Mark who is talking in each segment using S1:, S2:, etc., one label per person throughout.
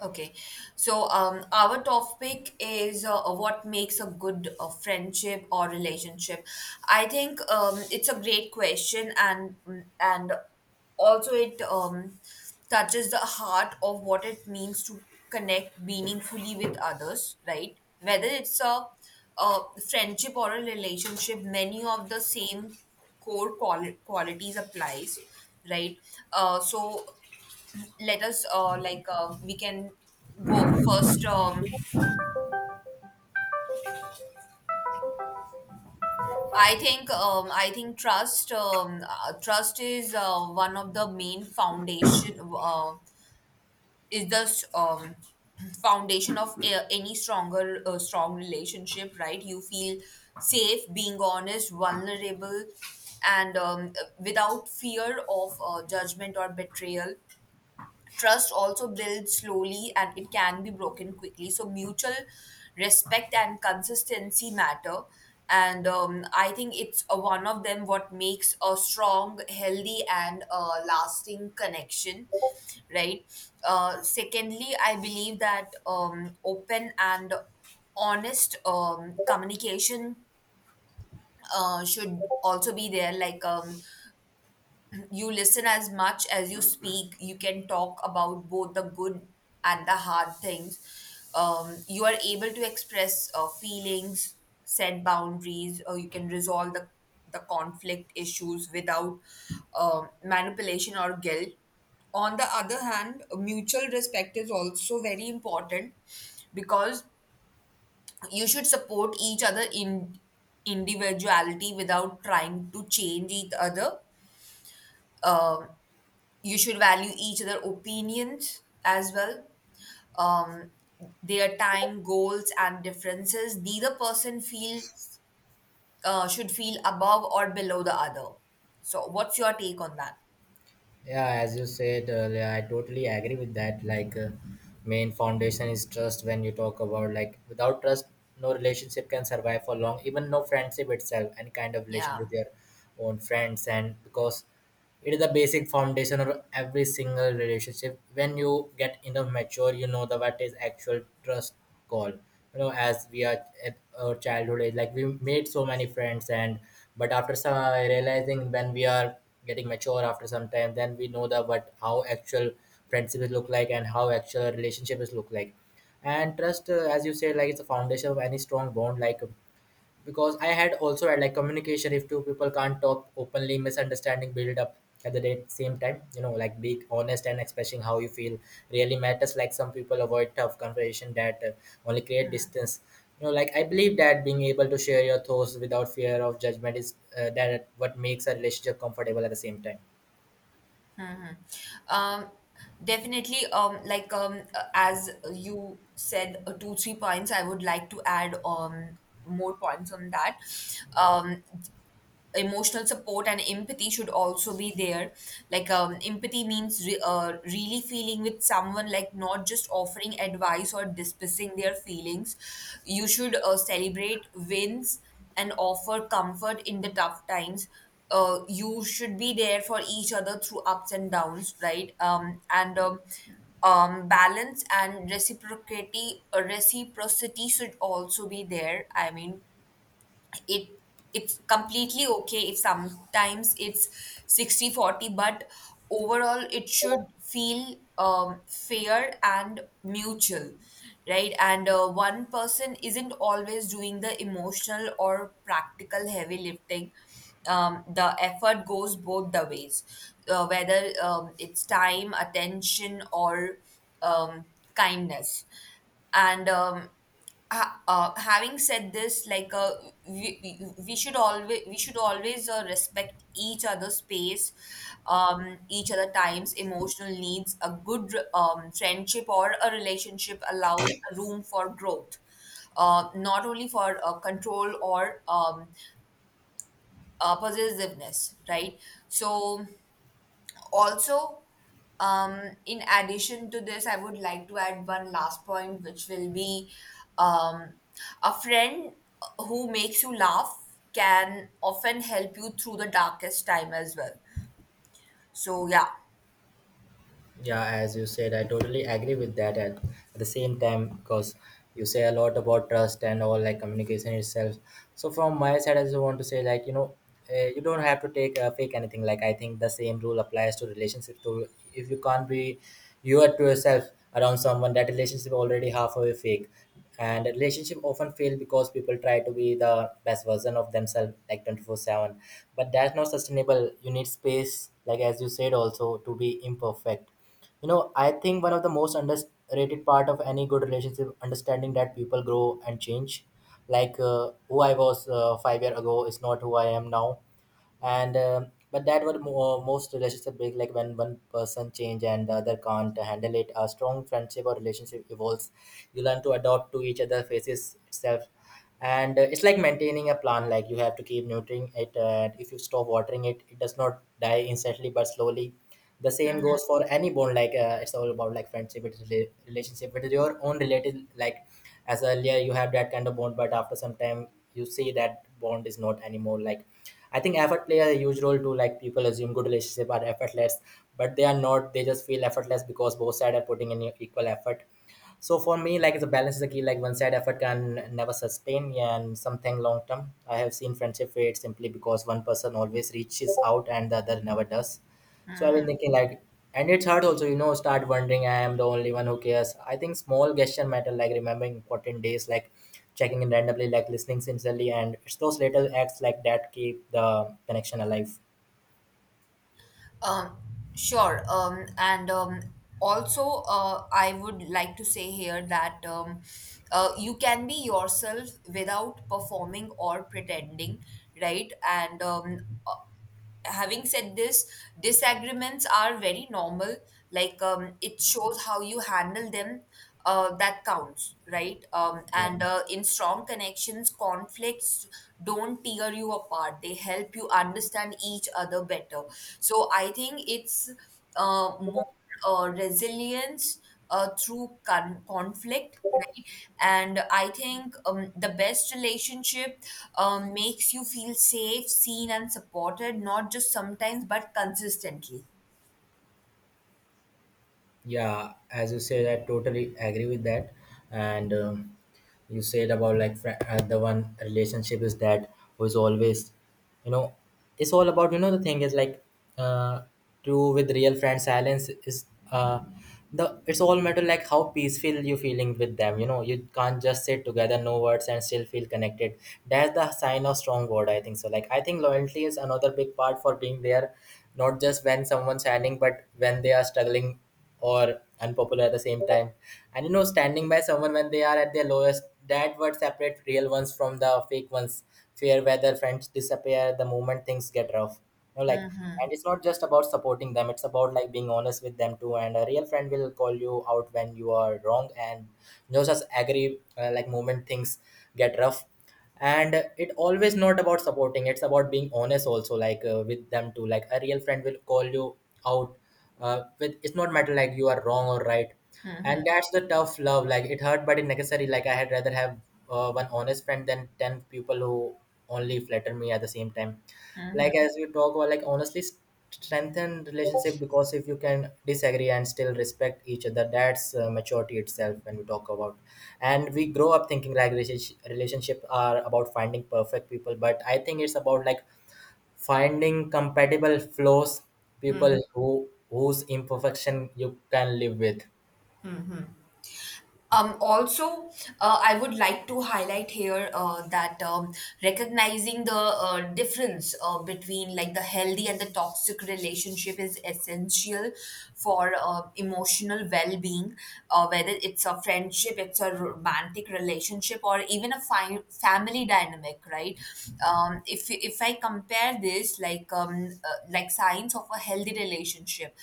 S1: Okay, so our topic is what makes a good friendship or relationship. I think it's a great question, and also it touches the heart of what it means to connect meaningfully with others, right? Whether it's a friendship or a relationship, many of the same core qualities applies, right? So let us we can go first. I think trust is one of the main foundation, is the foundation of any strong relationship, right? You feel safe being honest, vulnerable, and without fear of judgment or betrayal. Trust also builds slowly and it can be broken quickly. So, mutual respect and consistency matter. And I think it's one of them what makes a strong, healthy, and lasting connection, right? Secondly, I believe that open and honest communication should also be there. Like, you listen as much as you speak. You can talk about both the good and the hard things. You are able to express feelings, set boundaries, or you can resolve the conflict issues without manipulation or guilt. On the other hand, mutual respect is also very important, because you should support each other in individuality without trying to change each other. Um you should value each other opinions as well, um their time, goals, and differences. Neither person feels should feel above or below the other. So what's your take on that?
S2: Yeah, as you said earlier, I totally agree with that. Main foundation is trust. When you talk about like without trust, no relationship can survive for long. Even no friendship itself, any kind of relation
S1: Yeah.
S2: with your own friends. And because it is the basic foundation of every single relationship, when you get enough mature, you know the what is actual trust call, you know, as we are at our childhood age, like we made so many friends, and but after some realizing, when we are getting mature after some time, then we know the what how actual friendship is look like and how actual relationship is look like. And trust, as you said, like it's a foundation of any strong bond. Like because I had also had like communication, if two people can't talk openly, misunderstanding build up at the same time. You know, like being honest and expressing how you feel really matters. Like, some people avoid tough conversation that only create distance. You know, like I believe that being able to share your thoughts without fear of judgment is that what makes a relationship comfortable at the same time.
S1: um Definitely. Like, as you said, two three points I would like to add, more points on that. um Emotional support and empathy should also be there. Like, empathy means really feeling with someone, like not just offering advice or dismissing their feelings. You should celebrate wins and offer comfort in the tough times. You should be there for each other through ups and downs, right and Balance and reciprocity should also be there. I mean, it it's completely okay if sometimes it's 60/40, but overall it should feel fair and mutual, right and One person isn't always doing the emotional or practical heavy lifting. The effort goes both the ways, whether it's time, attention, or um, kindness. and um, Having said this, like, we, we we should always respect each other's space, each other times, emotional needs. A good friendship or a relationship allows room for growth, not only for control or possessiveness, right? So also, in addition to this, I would like to add one last point, which will be um, a friend who makes you laugh can often help you through the darkest time as well. So, yeah.
S2: Yeah, as you said, I totally agree with that. At the same time, because you say a lot about trust and all like communication itself. So from my side, I just want to say, like, you know, you don't have to take fake anything. Like I think the same rule applies to relationships. To if you can't be you are to yourself around someone, that relationship already halfway fake. And a relationship often fail because people try to be the best version of themselves like 24/7. But that's not sustainable. You need space, like as you said, also to be imperfect. You know, I think one of the most underrated part of any good relationship understanding that people grow and change. Like, who I was 5 years ago is not who I am now. And but that what most relationship break, like when one person change and the other can't handle it. A strong friendship or relationship evolves, you learn to adapt to each other faces itself. And it's like maintaining a plant. Like you have to keep nurturing it, and if you stop watering it, it does not die instantly but slowly. The same goes for any bond. Like it's all about like friendship, it's relationship, it is your own related. Like as earlier you have that kind of bond, but after some time you see that bond is not anymore. Like I think effort play a huge role too. Like people assume good relationship are effortless, but they are not. They just feel effortless because both sides are putting in equal effort. So for me, like it's a balance is a key. Like one side effort can never sustain, and something long term. I have seen friendship fade simply because one person always reaches out and the other never does. So I've been thinking, like, and it's hard also, you know, start wondering I am the only one who cares. I think small gesture matter, like remembering important days, like checking in randomly, like listening sincerely, and it's those little acts like that keep the connection alive.
S1: um, sure. And also, I would like to say here that you can be yourself without performing or pretending, right? And having said this, disagreements are very normal. Like, it shows how you handle them. That counts, right? Um,
S2: Yeah.
S1: and uh, in strong connections, conflicts don't tear you apart. They help you understand each other better. So I think it's more resilience through conflict, right? And I think the best relationship makes you feel safe, seen, and supported, not just sometimes but consistently.
S2: Yeah, as you said, I totally agree with that. And you said about like the one relationship is that was always, you know, it's all about, you know, the thing is like, uh, true with real friends. Silence is the it's all matter like how peaceful you feeling with them. You know, you can't just sit together, no words, and still feel connected. That's the sign of strong word, I think so. Like I think loyalty is another big part for being there, not just when someone's shining, but when they are struggling or unpopular at the same time. And you know, standing by someone when they are at their lowest, that would separate real ones from the fake ones. Fair weather friends disappear the moment things get rough. You know, like, and it's not just about supporting them; it's about like being honest with them too. And a real friend will call you out when you are wrong. And you know, just agree like moment things get rough, and it always not about supporting, it's about being honest also, like with them too. Like a real friend will call you out, with it's not matter like you are wrong or right. And that's the tough love. Like it hurt but it necessary. Like I had rather have one honest friend than 10 people who only flatter me at the same time. Like as we talk about like honestly strengthen relationship, because if you can disagree and still respect each other, that's maturity itself. When we talk about and we grow up thinking like relationship are about finding perfect people, but I think it's about like finding compatible flaws, people who whose imperfection you can live with.
S1: Also, I would like to highlight here that recognizing the difference between, like, the healthy and the toxic relationship is essential for emotional well-being, whether it's a friendship, it's a romantic relationship, or even a family dynamic, right? If I compare this, like, like signs of a healthy relationship,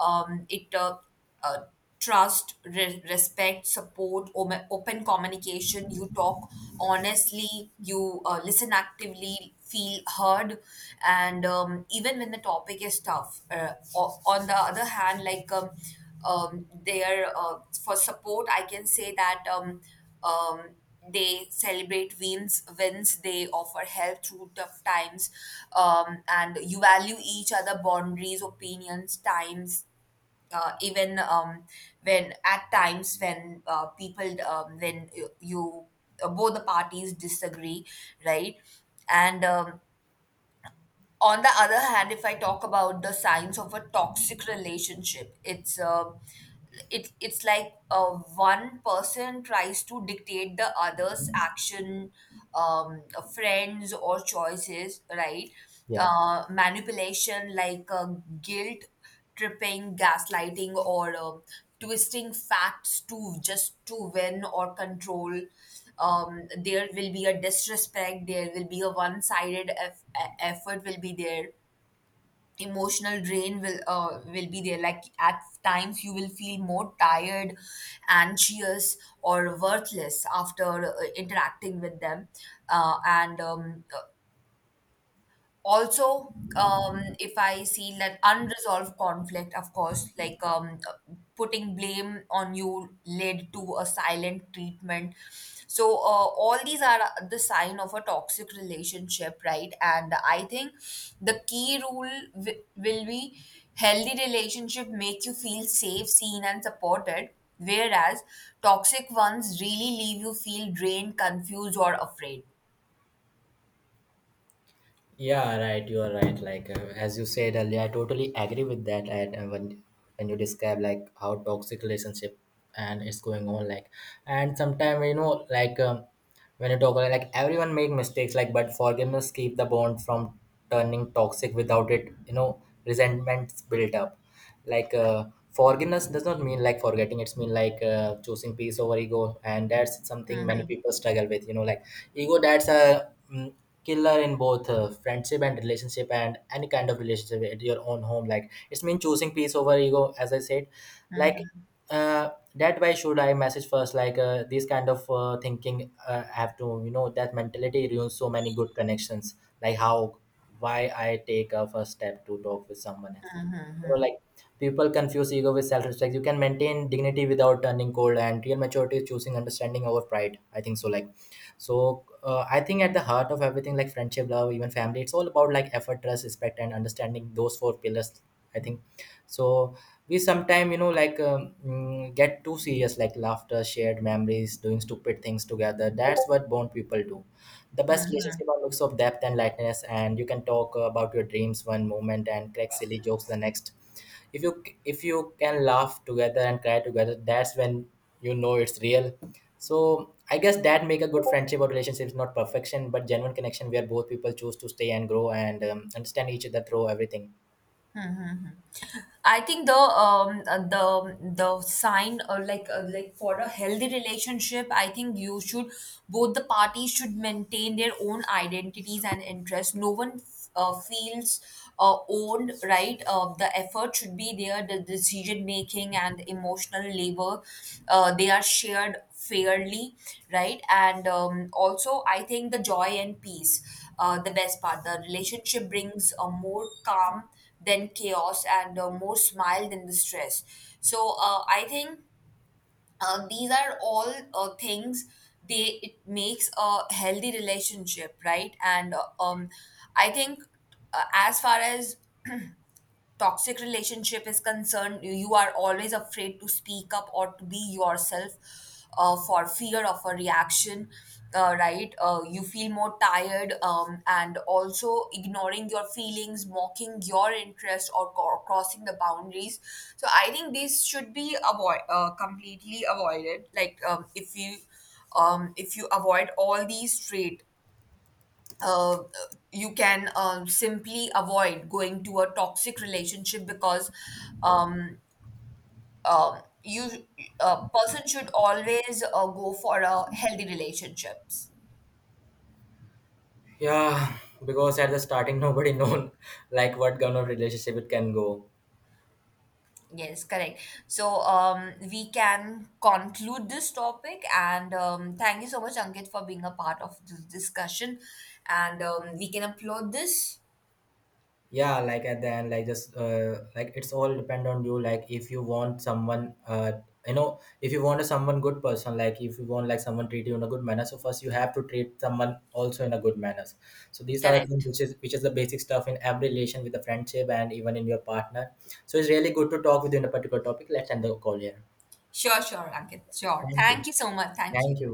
S1: it uh, trust, respect, support, open communication. You talk honestly, you listen actively, feel heard, and even when the topic is tough. On the other hand, like, there for support, I can say that um, they celebrate wins. Wins, they offer help through tough times, and you value each other boundaries, opinions, times, even when at times when people when you both the parties disagree, right? And on the other hand, if I talk about the signs of a toxic relationship, it's like, one person tries to dictate the other's action, um, friends, or choices, right?
S2: Yeah.
S1: Manipulation, like, guilt tripping, gaslighting, or twisting facts to just to win or control. There will be a disrespect. There will be a one-sided effort. Will be there. Emotional drain will be there. Like, at times you will feel more tired, anxious, or worthless after interacting with them, and also, if I see that unresolved conflict, of course, like, putting blame on you led to a silent treatment. So, all these are the sign of a toxic relationship, right? And I think the key rule will be, healthy relationship make you feel safe, seen, and supported, whereas toxic ones really leave you feel drained, confused, or afraid.
S2: Yeah, right, you are right. Like, as you said earlier, I totally agree with that. And when you describe like how toxic relationship and it's going on, like, and sometimes, you know, when you talk about like everyone make mistakes, like but forgiveness keep the bond from turning toxic. Without it, you know, resentments built up. Like, forgiveness does not mean like forgetting. It's mean like choosing peace over ego, and that's something many people struggle with. You know, like ego, that's a killer in both friendship and relationship and any kind of relationship at your own home. Like it's mean choosing peace over ego, as I said. Like that why should I message first, like this kind of thinking I have to, you know, that mentality ruins so many good connections. Like how, why I take a first step to talk with someone else? So like people confuse ego with self-respect. You can maintain dignity without turning cold, and real maturity is choosing understanding over pride, I think so. Like, so I think at the heart of everything, like friendship, love, even family, it's all about like effort, trust, respect, and understanding, those four pillars, I think so. We sometimes, you know, get too serious. Like laughter, shared memories, doing stupid things together, that's what bond people do. The best relationship are looks of depth and lightness, and you can talk about your dreams one moment and crack silly jokes the next. If you can laugh together and cry together, that's when you know it's real. So I guess that make a good friendship or relationships, not perfection but genuine connection, where both people choose to stay and grow and understand each other through everything.
S1: I think the sign, or like, like, for a healthy relationship, I think you should both the parties should maintain their own identities and interests. No one feels owned, right? The effort should be there, the decision making and emotional labor, they are shared fairly, right? And also, I think the joy and peace, the best part. The relationship brings a more calm than chaos and more smile than distress. So, I think these are all things they it makes a healthy relationship, right? And I think as far as toxic relationship is concerned, you are always afraid to speak up or to be yourself, for fear of a reaction. Right, you feel more tired, and also ignoring your feelings, mocking your interest, or crossing the boundaries. So I think these should be avoid completely avoided. Like, if you avoid all these traits, uh, you can simply avoid going to a toxic relationship, because um, you a person should always go for a healthy relationships.
S2: Yeah, because at the starting nobody known like what kind of relationship it can go.
S1: Yes, correct. So, we can conclude this topic, and thank you so much, Ankit, for being a part of this discussion. And we can upload this.
S2: Yeah, like at the end, like just, like it's all depend on you. Like if you want someone, you know, if you want a someone good person, like if you want like someone treat you in a good manner, so first you have to treat someone also in a good manners. So these are the things
S1: Correct.
S2: which is the basic stuff in every relation with a friendship and even in your partner. So it's really good to talk within a particular topic. Let's end the call here.
S1: Sure, sure, Ankit. Sure.
S2: Thank you.
S1: Thank you so much. Thank you.
S2: Thank you.